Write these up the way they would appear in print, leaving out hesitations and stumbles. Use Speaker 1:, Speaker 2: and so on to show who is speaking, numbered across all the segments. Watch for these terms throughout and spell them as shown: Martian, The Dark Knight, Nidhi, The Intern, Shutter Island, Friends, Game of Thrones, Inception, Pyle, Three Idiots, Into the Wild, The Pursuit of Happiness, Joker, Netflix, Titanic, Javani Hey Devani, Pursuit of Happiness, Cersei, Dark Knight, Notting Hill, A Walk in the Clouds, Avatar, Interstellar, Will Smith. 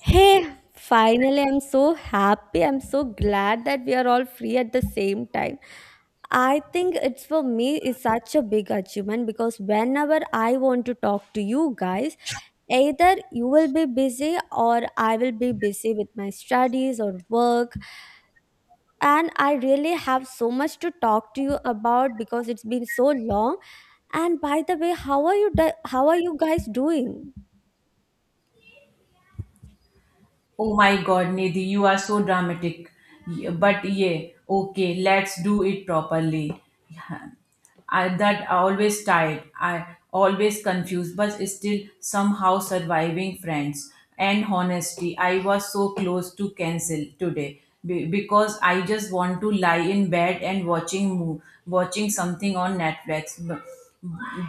Speaker 1: Hey, finally, I'm so happy. I'm so glad that we are all free at the same time. I think it's for me is such a big achievement because whenever I want to talk to you guys, either you will be busy or I will be busy with my studies or work. And I really have so much to talk to you about because it's been so long. And by the way, how are you guys doing?
Speaker 2: Oh my god, Nidhi, you are so dramatic. But yeah, okay, let's do it properly. Yeah. I, that always tired, I always confused, but still somehow surviving friends. And honesty, I was so close to cancel today because I just want to lie in bed and watching watching something on Netflix.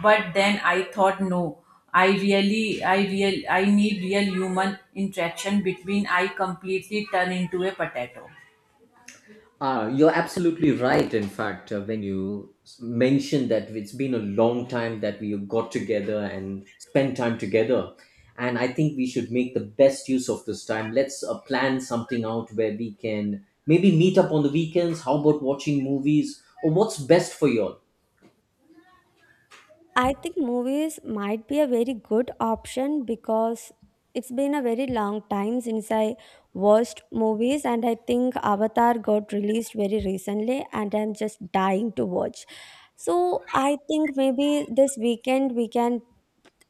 Speaker 2: But then I thought, no, I need real human interaction between. I completely turn into a potato.
Speaker 3: You're absolutely right. In fact, when you mentioned that it's been a long time that we got together and spent time together, and I think we should make the best use of this time. Let's plan something out where we can maybe meet up on the weekends. How about watching movies or what's best for you all?
Speaker 1: I think movies might be a very good option because it's been a very long time since I watched movies, and I think Avatar got released very recently, and I'm just dying to watch. So I think maybe this weekend we can.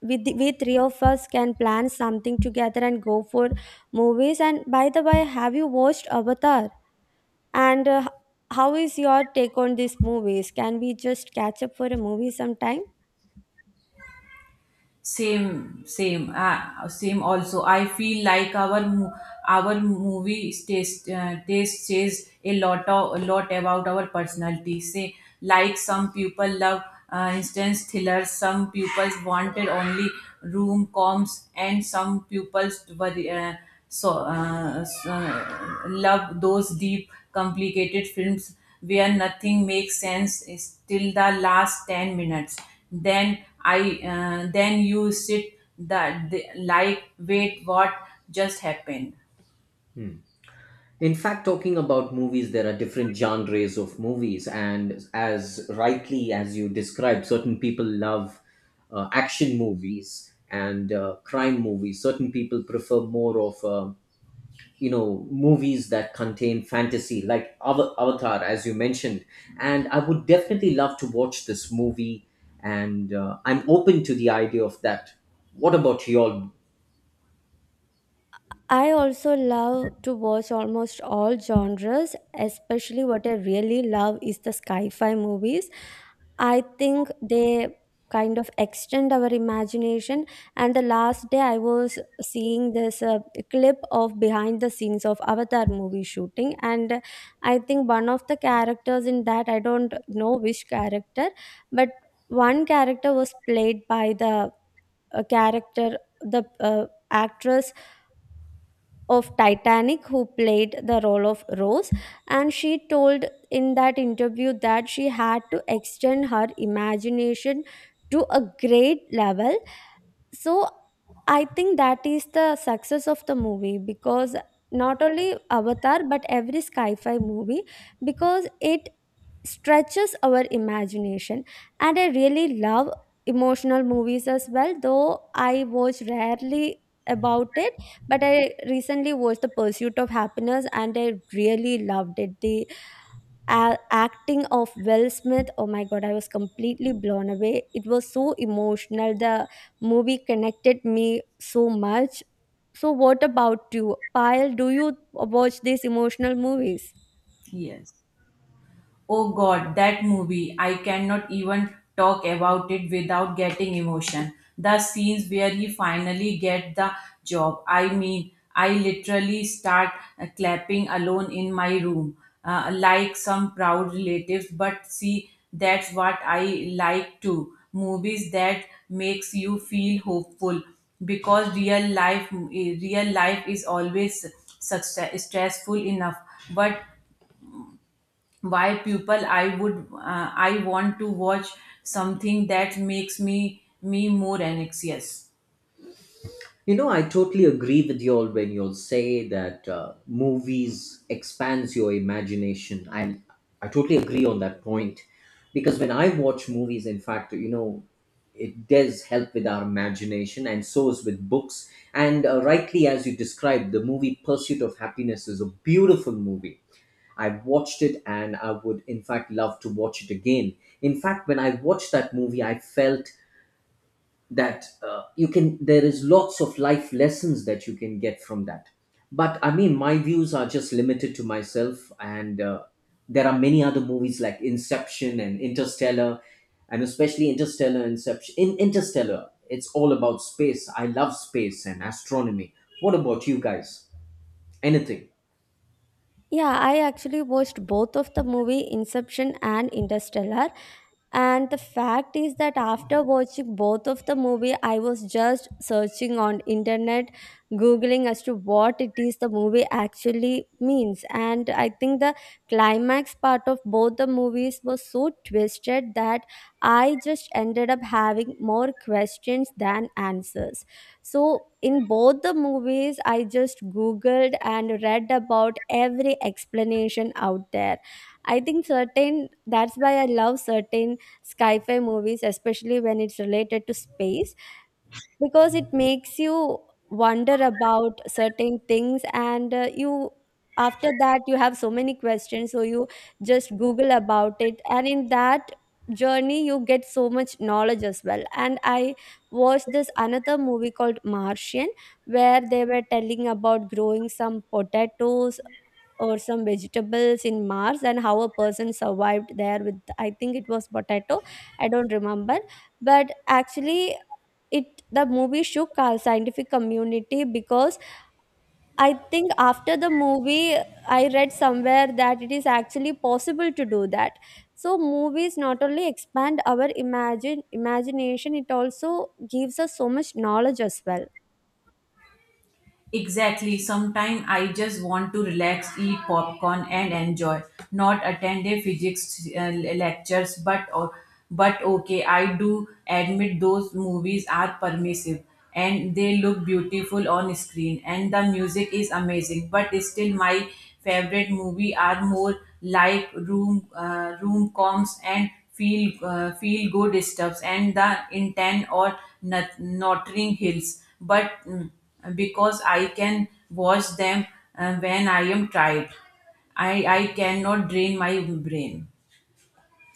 Speaker 1: We three of us can plan something together and go for movies. And by the way, have you watched Avatar? And How is your take on these movies? Can we just catch up for a movie sometime?
Speaker 2: Same. Also, I feel like our our movie taste says a lot about our personality. Say, like some people love instance thrillers, some people wanted only room coms, and some people worry, love those deep, complicated films where nothing makes sense is till the last ten minutes, then I then you sit that the, like wait what just happened.
Speaker 3: In fact, talking about movies, there are different genres of movies, and as rightly as you described, certain people love action movies and crime movies. Certain people prefer more of you know movies that contain fantasy, like Avatar, as you mentioned. And I would definitely love to watch this movie, and I'm open to the idea of that. What about you all?
Speaker 1: I also love to watch almost all genres, especially what I really love is the sci fi movies. I think they kind of extend our imagination. And the last day, I was seeing this clip of behind the scenes of Avatar movie shooting. And I think one of the characters in that, I don't know which character, but one character was played by the actress of Titanic who played the role of Rose, and she told in that interview that she had to extend her imagination to a great level. So I think that is the success of the movie because not only Avatar but every sci-fi movie, because it stretches our imagination. And I really love emotional movies as well, though I watch rarely about it. But I recently watched The Pursuit of Happiness and I really loved it. The acting of Will Smith, oh my god, I was completely blown away. It was so emotional. The movie connected me so much. So, what about you, Pyle? Do you watch these emotional movies?
Speaker 2: Yes. Oh god, that movie. I cannot even talk about it without getting emotion. The scenes where he finally get the job, I mean, I literally start clapping alone in my room like some proud relatives, but see that's what I like too. Movies that makes you feel hopeful because real real life is always success, stressful enough, but why people I want to watch something that makes me more anxious.
Speaker 3: You know, I totally agree with you all when you all say that movies expands your imagination. I totally agree on that point because when I watch movies, in fact, you know, it does help with our imagination and so is with books. And rightly, as you described, the movie Pursuit of Happiness is a beautiful movie. I watched it and I would, in fact, love to watch it again. In fact, when I watched that movie, I felt that you can there is lots of life lessons that you can get from that, but I mean my views are just limited to myself, and there are many other movies like Inception and Interstellar, and especially Interstellar. Inception, in Interstellar, it's all about space. I love space and astronomy. What about you guys? Anything?
Speaker 1: Yeah, I actually watched both of the movie Inception and Interstellar. And the fact is that after watching both of the movie, I was just searching on internet, googling as to what it is the movie actually means. And I think the climax part of both the movies was so twisted that I just ended up having more questions than answers. So in both the movies, I just googled and read about every explanation out there. I think certain that's why I love certain sci-fi movies, especially when it's related to space, because it makes you wonder about certain things, and you, after that you have so many questions, so you just google about it, and in that journey you get so much knowledge as well. And I watched this another movie called Martian, where they were telling about growing some potatoes or some vegetables in Mars and how a person survived there with, I think it was potato. I don't remember, but actually it, the movie shook our scientific community, because I think after the movie I read somewhere that it is actually possible to do that. So movies not only expand our imagine imagination, it also gives us so much knowledge as well.
Speaker 2: Exactly. Sometimes I just want to relax, eat popcorn, and enjoy. Not attend a physics lectures, but okay, I do admit those movies are permissive and they look beautiful on screen and the music is amazing. But still, my favorite movie are more like room coms and feel good stuffs and the intent or Notting Hills. But mm, because I can watch them when I am tired. I cannot drain my brain.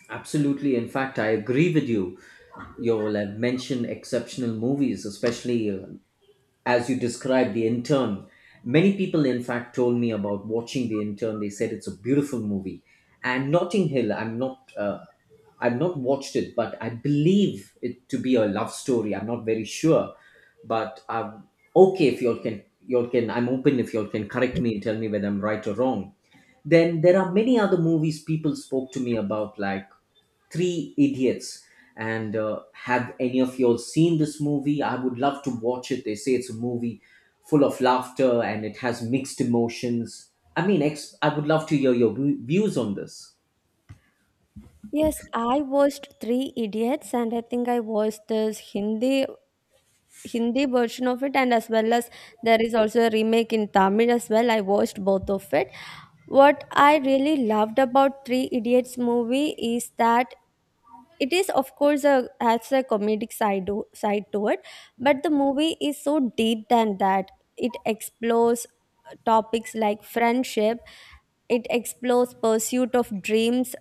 Speaker 3: Absolutely. In fact, I agree with you. You'll have mentioned exceptional movies, especially as you described, The Intern. Many people in fact told me about watching The Intern. They said it's a beautiful movie. And Notting Hill, I'm not I've not watched it, but I believe it to be a love story. I'm not very sure, but okay, if you all can, I'm open. If you all can correct me and tell me whether I'm right or wrong. Then there are many other movies people spoke to me about, like Three Idiots. And have any of y'all seen this movie? I would love to watch it. They say it's a movie full of laughter and it has mixed emotions. I mean, I would love to hear your views on this.
Speaker 1: Yes, I watched Three Idiots and I think I watched this Hindi version of it, and as well as there is also a remake in Tamil as well. I watched both of it. What I really loved about Three Idiots movie is that it is of course a has a side to it, but the movie is so deep than that. It explores topics like friendship, it explores pursuit of dreams,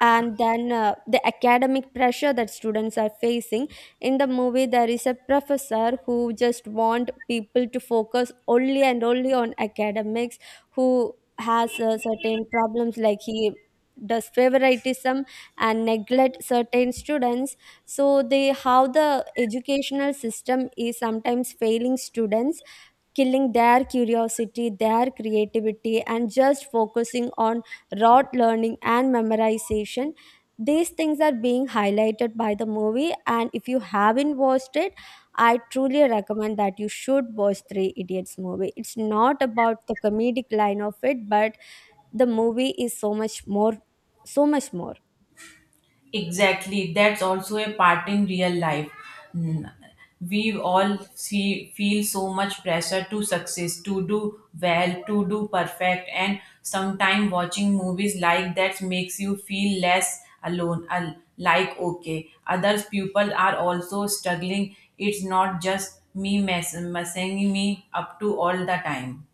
Speaker 1: and then the academic pressure that students are facing. In the movie there is a professor who just want people to focus only and only on academics, who has certain problems, like he does favoritism and neglect certain students. So they, how the educational system is sometimes failing students, killing their curiosity, their creativity, and just focusing on rote learning and memorization. These things are being highlighted by the movie, and if you haven't watched it, I truly recommend that you should watch Three Idiots movie. It's not about the comedic line of it, but the movie is so much more, so much more.
Speaker 2: Exactly, that's also a part in real life. Mm, we all see, feel so much pressure to success, to do well, to do perfect, and sometimes watching movies like that makes you feel less alone. Like, okay, other people are also struggling, it's not just me messing me up to all the time.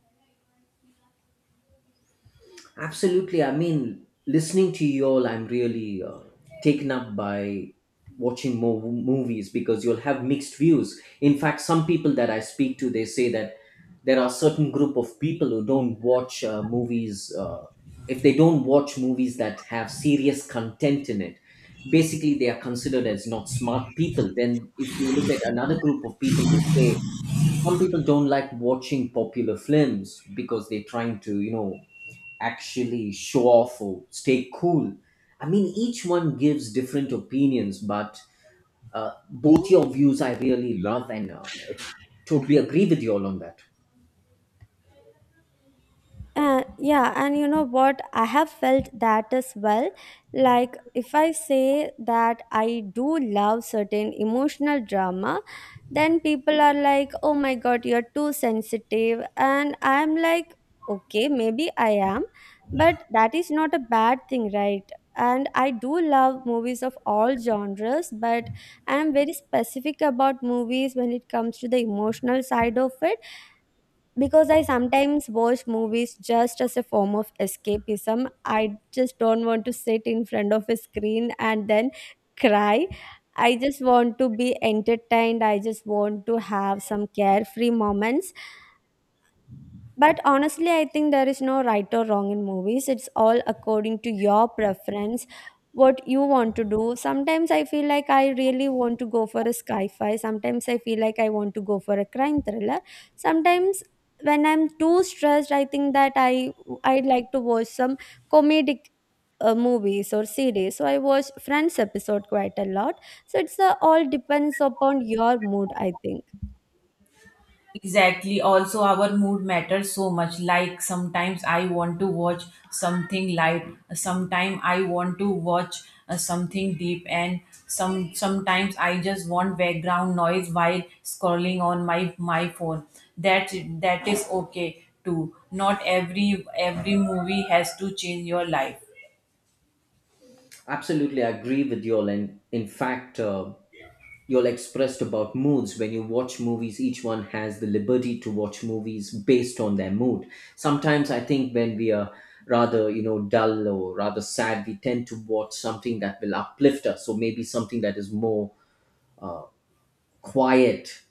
Speaker 3: Absolutely. I mean, listening to you all, I'm really taken up by watching more movies because you'll have mixed views. In fact, some people that I speak to, they say that there are certain group of people who don't watch movies if they don't watch movies that have serious content in it. Basically, they are considered as not smart people. Then, if you look at another group of people, they say some people don't like watching popular films because they're trying to, you know, actually show off or stay cool. I mean, each one gives different opinions, but both your views I really love, and totally agree with you all on that.
Speaker 1: Yeah, and you know what? I have felt that as well. Like, if I say that I do love certain emotional drama, then people are like, oh my god, you're too sensitive. And I'm like, okay, maybe I am, but that is not a bad thing, right? And I do love movies of all genres, but I'm very specific about movies when it comes to the emotional side of it, because I sometimes watch movies just as a form of escapism. I just don't want to sit in front of a screen and then cry. I just want to be entertained. I just want to have some carefree moments. But honestly, I think there is no right or wrong in movies. It's all according to your preference, what you want to do. Sometimes I feel like I really want to go for a sci fi. Sometimes I feel like I want to go for a crime thriller. Sometimes when I'm too stressed, I think that I would like to watch some comedic movies or series. So I watch Friends episode quite a lot. So it's all depends upon your mood, I think.
Speaker 2: Exactly. Also, our mood matters so much. Like sometimes I want to watch something light, sometimes I want to watch something deep, and sometimes I just want background noise while scrolling on my phone. That that is okay too. Not every movie has to change your life.
Speaker 3: Absolutely, I agree with you all. And in fact, you're expressed about moods. When you watch movies, each one has the liberty to watch movies based on their mood. Sometimes I think when we are rather, you know, dull or rather sad, we tend to watch something that will uplift us, so maybe something that is more uh, quiet.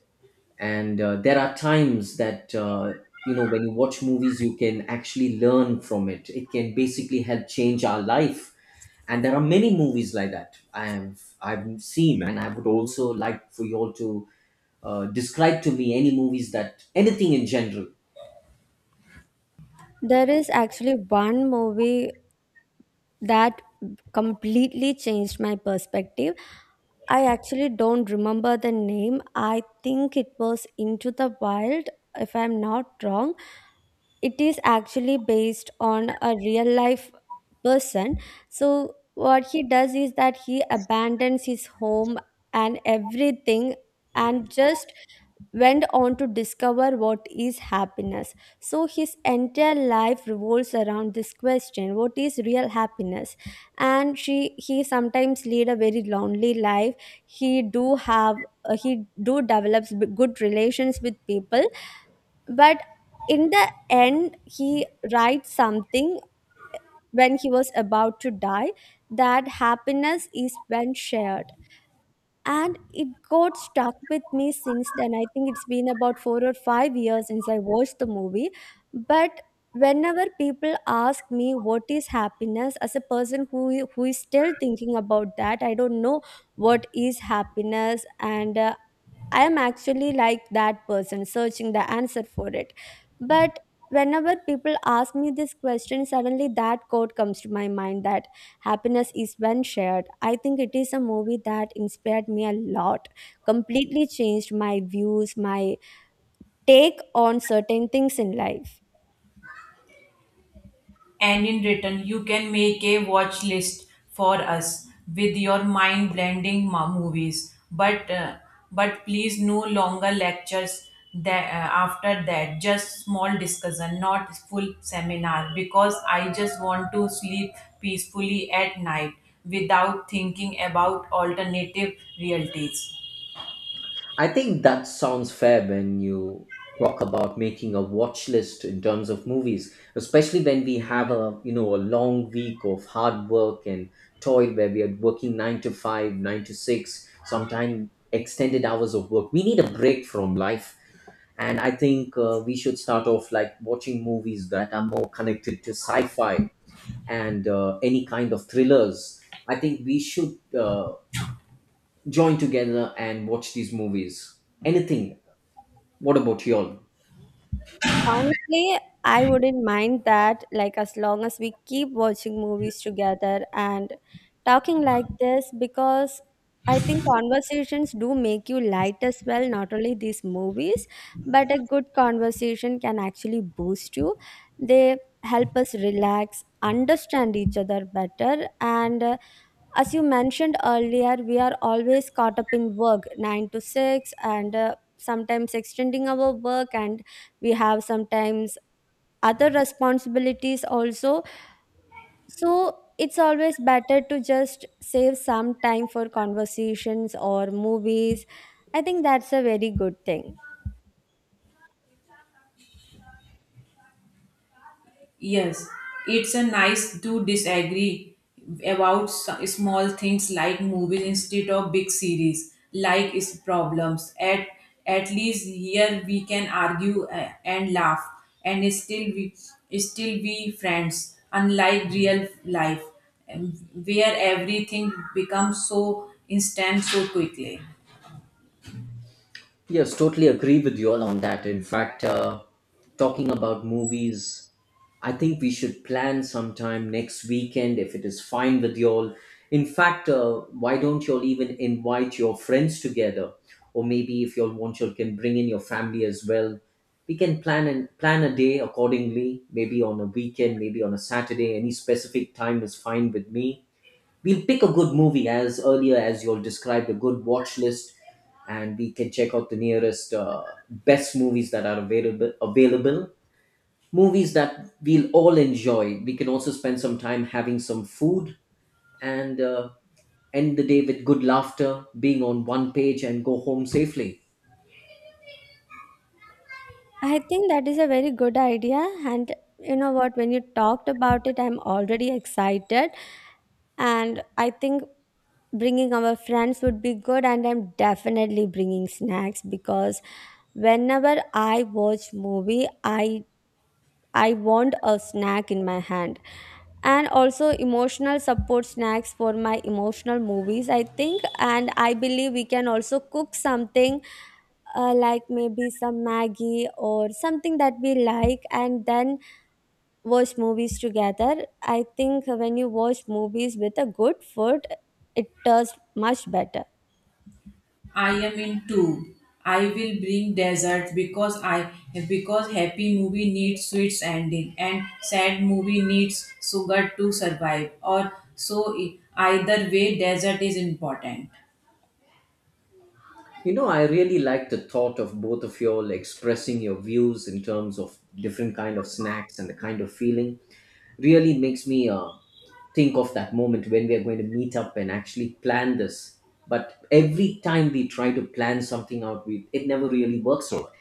Speaker 3: And there are times that you know when you watch movies you can actually learn from it. It can basically help change our life, and there are many movies like that I've seen, and I would also like for you all to describe to me any movies, that anything in general.
Speaker 1: There is actually one movie that completely changed my perspective. I actually don't remember the name. I think it was Into the Wild, if I'm not wrong. It is actually based on a real life person. So, what he does is that he abandons his home and everything and just went on to discover what is happiness. So his entire life revolves around this question: what is real happiness? And he sometimes lead a very lonely life. He do develops good relations with people, but in the end, he writes something when he was about to die, that happiness is when shared. And it got stuck with me since then. I think it's been about 4 or 5 years since I watched the movie, but whenever people ask me what is happiness, as a person who is still thinking about that, I don't know what is happiness. And I am actually like that person searching the answer for it. But whenever people ask me this question, suddenly that quote comes to my mind, that happiness is when shared. I think it is a movie that inspired me a lot, completely changed my views, my take on certain things in life.
Speaker 2: And in return, you can make a watch list for us with your mind blending movies. But, please, no longer lectures that, after that. Just small discussion, not full seminar, because I just want to sleep peacefully at night without thinking about alternative realities.
Speaker 3: I think that sounds fair. When you talk about making a watch list in terms of movies, especially when we have a, you know, a long week of hard work and toil where we are working 9 to 5, 9 to 6, sometimes extended hours of work, we need a break from life. And I think we should start off like watching movies that are more connected to sci-fi and any kind of thrillers. I think we should join together and watch these movies. Anything. What about you all?
Speaker 1: Honestly, I wouldn't mind that, like, as long as we keep watching movies together and talking like this, because I think conversations do make you light as well, not only these movies, but a good conversation can actually boost you. They help us relax, understand each other better, and as you mentioned earlier, we are always caught up in work, 9 to 6, and sometimes extending our work, and we have sometimes other responsibilities also. So it's always better to just save some time for conversations or movies. I think that's a very good thing.
Speaker 2: Yes, it's a nice to disagree about small things like movies instead of big series, like its problems. At least here we can argue and laugh, and still be friends. Unlike real life, where everything becomes so instant so quickly.
Speaker 3: Yes, totally agree with you all on that. In fact, talking about movies, I think we should plan sometime next weekend if it is fine with you all. In fact, why don't you all even invite your friends together? Or maybe if you all want, you all can bring in your family as well. We can plan a day accordingly, maybe on a weekend, maybe on a Saturday. Any specific time is fine with me. We'll pick a good movie, as earlier as you all described, a good watch list, and we can check out the nearest best movies that are available, movies that we'll all enjoy. We can also spend some time having some food, and end the day with good laughter, being on one page, and go home safely.
Speaker 1: I think that is a very good idea. And you know what, when you talked about it, I'm already excited. And I think bringing our friends would be good, and I'm definitely bringing snacks because whenever I watch movie, I want a snack in my hand, and also emotional support snacks for my emotional movies. I think and I believe we can also cook something, like maybe some maggie or something that we like, and then watch movies together. I think when you watch movies with a good food, it does much better.
Speaker 2: I am in two. I will bring dessert because happy movie needs sweet ending and sad movie needs sugar to survive. Or so either way, dessert is important.
Speaker 3: You know, I really like the thought of both of you all expressing your views in terms of different kind of snacks and the kind of feeling. Really makes me think of that moment when we are going to meet up and actually plan this. But every time we try to plan something out, we, it never really works out.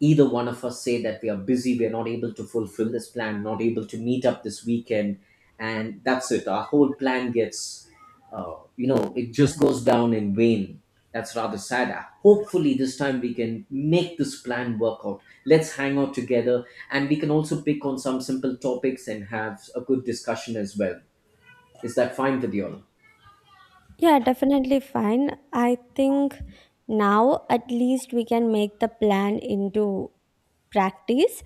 Speaker 3: Either one of us say that we are busy, we are not able to fulfill this plan, not able to meet up this weekend, and that's it. Our whole plan gets, you know, it just goes down in vain. That's rather sad. Hopefully, this time we can make this plan work out. Let's hang out together, and we can also pick on some simple topics and have a good discussion as well. Is that fine with you all?
Speaker 1: Yeah, definitely fine. I think now at least we can make the plan into practice.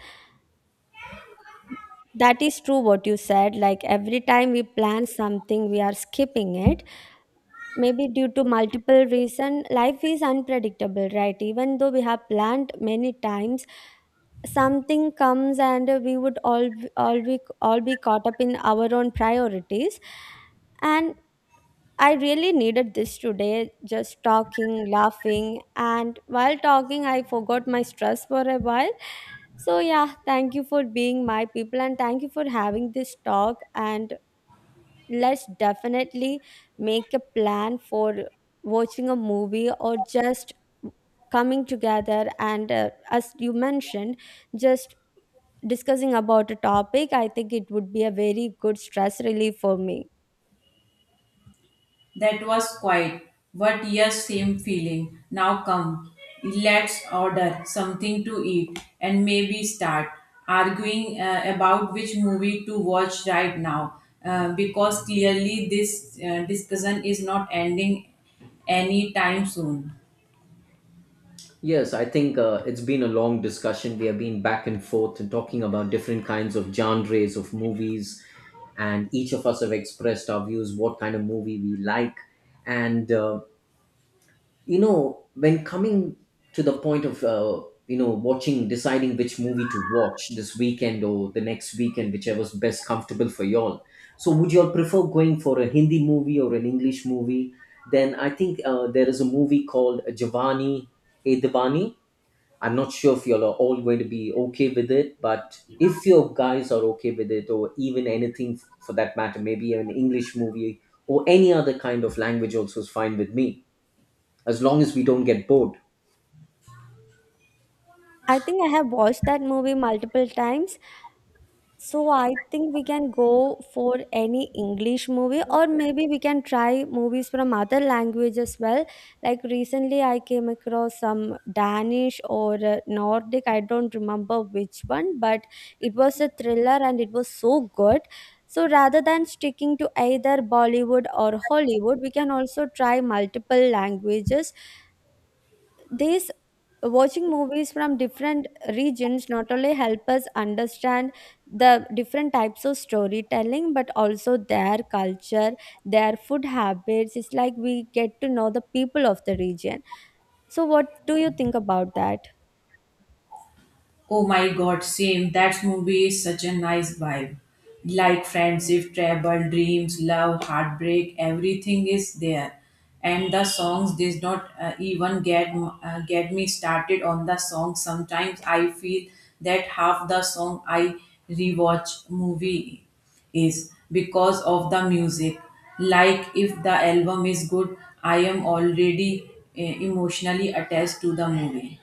Speaker 1: That is true what you said. Like every time we plan something, we are skipping it. Maybe due to multiple reason, life is unpredictable, right? Even though we have planned many times, something comes and we would all be caught up in our own priorities. And I really needed this today, just talking, laughing, and while talking, I forgot my stress for a while. So, yeah, thank you for being my people and thank you for having this talk. And let's definitely make a plan for watching a movie or just coming together. And as you mentioned, just discussing about a topic, I think it would be a very good stress relief for me.
Speaker 2: That was quiet, but yes, same feeling. Now come, let's order something to eat and maybe start arguing about which movie to watch right now because clearly this discussion is not ending anytime soon.
Speaker 3: Yes, I think it's been a long discussion. We have been back and forth and talking about different kinds of genres of movies, and each of us have expressed our views, what kind of movie we like, and you know, when coming to the point of you know watching, deciding which movie to watch this weekend or the next weekend, whichever's best comfortable for y'all. So would y'all prefer going for a Hindi movie or an English movie? Then I think there is a movie called Javani Hey Devani. I'm not sure if y'all are all going to be okay with it, but if your guys are okay with it, or even anything for that matter, maybe an English movie or any other kind of language also is fine with me, as long as we don't get bored.
Speaker 1: I think I have watched that movie multiple times. So I think we can go for any English movie or maybe we can try movies from other language as well. Like recently I came across some Danish or Nordic, I don't remember which one, but it was a thriller and it was so good. So rather than sticking to either Bollywood or Hollywood, we can also try multiple languages these watching movies from different regions not only help us understand the different types of storytelling but also their culture, their food habits. It's like we get to know the people of the region. So what do you think about that?
Speaker 2: Oh my god, same. That movie is such a nice vibe. Like friendship, travel, dreams, love, heartbreak, everything is there. And the songs did not even get me started on the song. Sometimes I feel that half the song I rewatch movie is because of the music. Like if the album is good, I am already emotionally attached to the movie.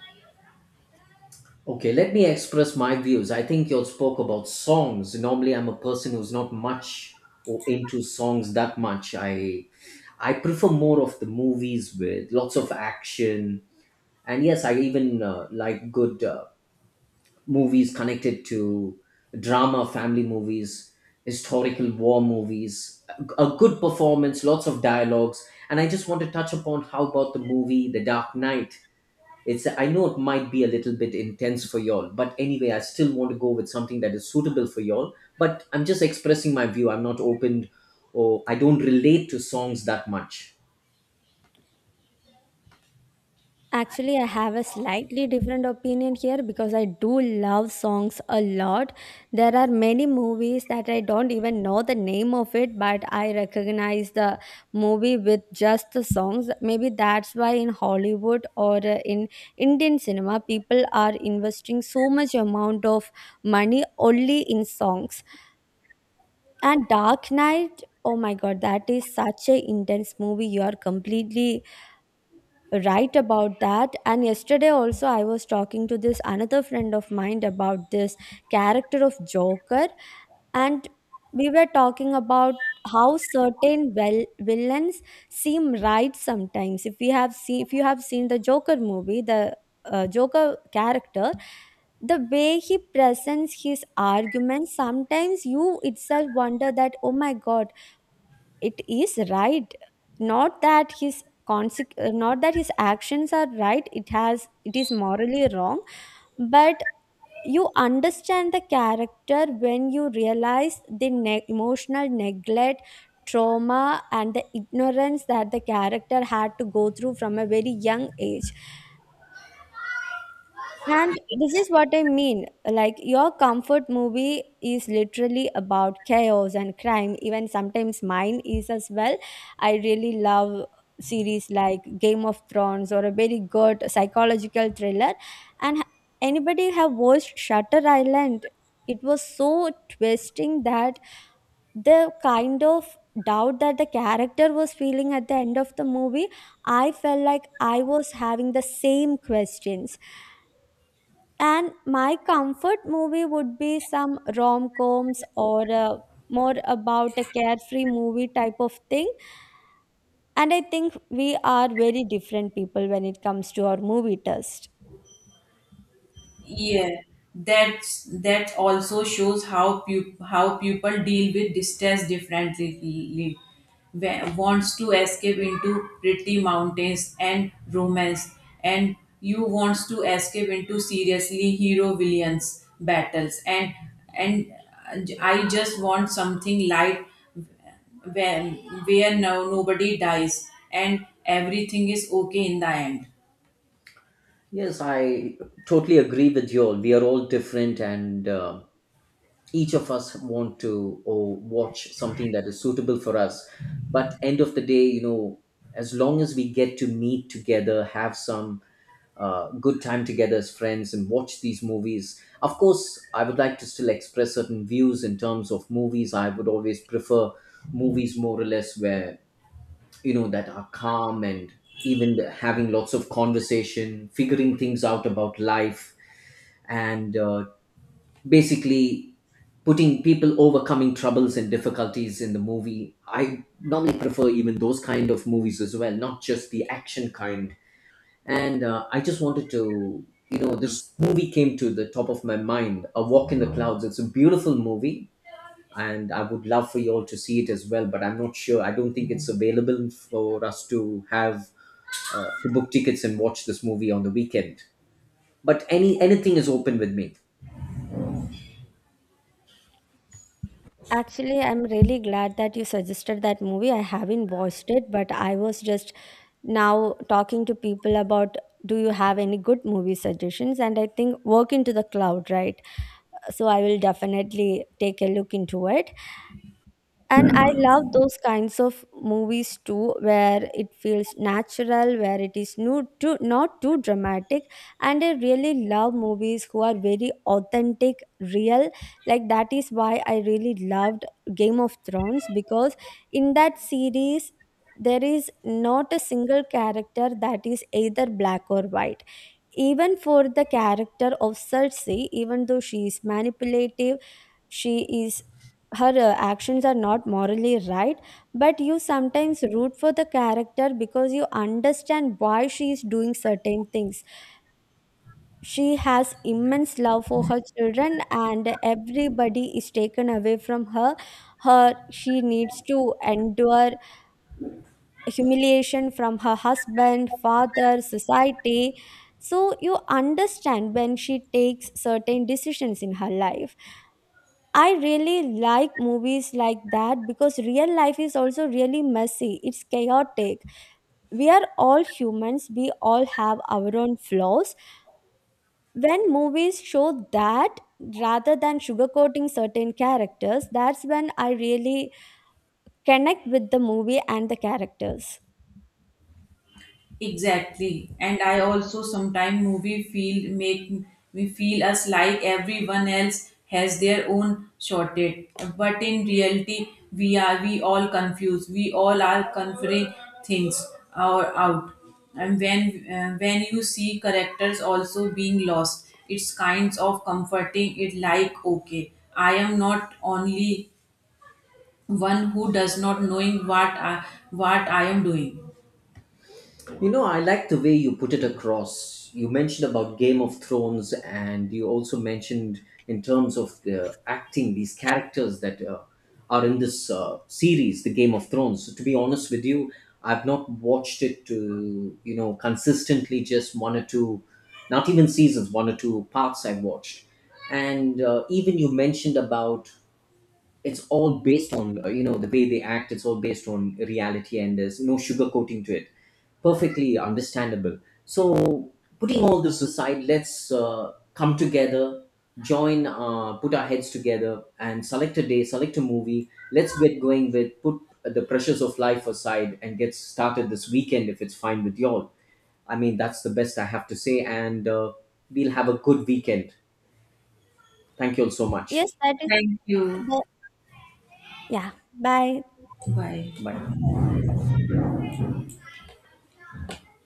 Speaker 3: Okay, let me express my views. I think you spoke about songs. Normally, I'm a person who's not much or into songs that much. I prefer more of the movies with lots of action. And yes, I even like good movies connected to drama, family movies, historical war movies, a good performance, lots of dialogues. And I just want to touch upon, how about the movie The Dark Knight? It's, I know it might be a little bit intense for y'all, but anyway, I still want to go with something that is suitable for y'all. But I'm just expressing my view. I'm not opened, or I don't relate to songs that much.
Speaker 1: Actually, I have a slightly different opinion here because I do love songs a lot. There are many movies that I don't even know the name of it, but I recognize the movie with just the songs. Maybe that's why in Hollywood or in Indian cinema, people are investing so much amount of money only in songs. And Dark Knight, oh my god, that is such a intense movie. You are completely right about that. And yesterday also I was talking to this another friend of mine about this character of Joker, and we were talking about how certain well villains seem right sometimes. If we have seen, if you have seen the Joker movie, the Joker character, the way he presents his arguments, sometimes you itself wonder that, oh my god, it is right. Not that his not that his actions are right, it has, it is morally wrong, but you understand the character when you realize the emotional neglect, trauma, and the ignorance that the character had to go through from a very young age. And this is what I mean. Like, your comfort movie is literally about chaos and crime. Even sometimes mine is as well. I really love series like Game of Thrones or a very good psychological thriller. And anybody have watched Shutter Island? It was so twisting that the kind of doubt that the character was feeling at the end of the movie, I felt like I was having the same questions. And my comfort movie would be some rom coms or more about a carefree movie type of thing. And I think we are very different people when it comes to our movie taste.
Speaker 2: Yeah, that's that also shows how how people deal with distress differently. Wants to escape into pretty mountains and romance, and you wants to escape into seriously hero villains battles, and I just want something light where where no nobody dies and everything is okay in the end.
Speaker 3: Yes, I totally agree with y'all. We are all different, and each of us want to or watch something that is suitable for us. But end of the day, you know, as long as we get to meet together, have some good time together as friends and watch these movies. Of course, I would like to still express certain views in terms of movies. I would always prefer movies more or less where, you know, that are calm and even having lots of conversation, figuring things out about life, and basically putting people overcoming troubles and difficulties in the movie. I normally prefer even those kind of movies as well, not just the action kind. And I just wanted to, you know, this movie came to the top of my mind, A Walk in the Clouds. It's a beautiful movie. And I would love for you all to see it as well, but I'm not sure. I don't think it's available for us to have to book tickets and watch this movie on the weekend. But anything is open with me.
Speaker 1: Actually, I'm really glad that you suggested that movie. I haven't watched it, but I was just now talking to people about, do you have any good movie suggestions? And I think Work into the Cloud, right? So I will definitely take a look into it. And I love those kinds of movies too, where it feels natural, where it is no, too, not too dramatic. And I really love movies who are very authentic, real. Like, that is why I really loved Game of Thrones because in that series, there is not a single character that is either black or white. Even for the character of Cersei, even though she is manipulative, she is, her actions are not morally right, but you sometimes root for the character because you understand why she is doing certain things. She has immense love for her children, and everybody is taken away from her. Her, she needs to endure humiliation from her husband, father, society. So you understand when she takes certain decisions in her life. I really like movies like that because real life is also really messy. It's chaotic. We are all humans, we all have our own flaws. When movies show that rather than sugarcoating certain characters, that's when I really connect with the movie and the characters.
Speaker 2: Exactly. And I also sometimes movie feel make me feel us like everyone else has their own shortage. But in reality we all confused. We all are conferring things or out. And when you see characters also being lost, it's kinds of comforting it like okay, I am not only one who does not knowing what I am doing.
Speaker 3: You know, I like the way you put it across. You mentioned about Game of Thrones, and you also mentioned in terms of the acting, these characters that are in this series, the Game of Thrones. So to be honest with you, I've not watched it to, you know, consistently, just one or two, not even seasons, one or two parts I've watched. And even you mentioned about it's all based on, you know, the way they act, it's all based on reality and there's no sugarcoating to it. Perfectly understandable. So putting all this aside, let's come together, join put our heads together and select a day, select a movie. Let's get going with, put the pressures of life aside and get started this weekend if it's fine with y'all. I mean, that's the best I have to say, and we'll have a good weekend. Thank you all so
Speaker 1: Yes,
Speaker 3: much.
Speaker 1: that is
Speaker 2: Thank you.
Speaker 1: the. Yeah. Bye.
Speaker 2: Bye.
Speaker 3: Bye.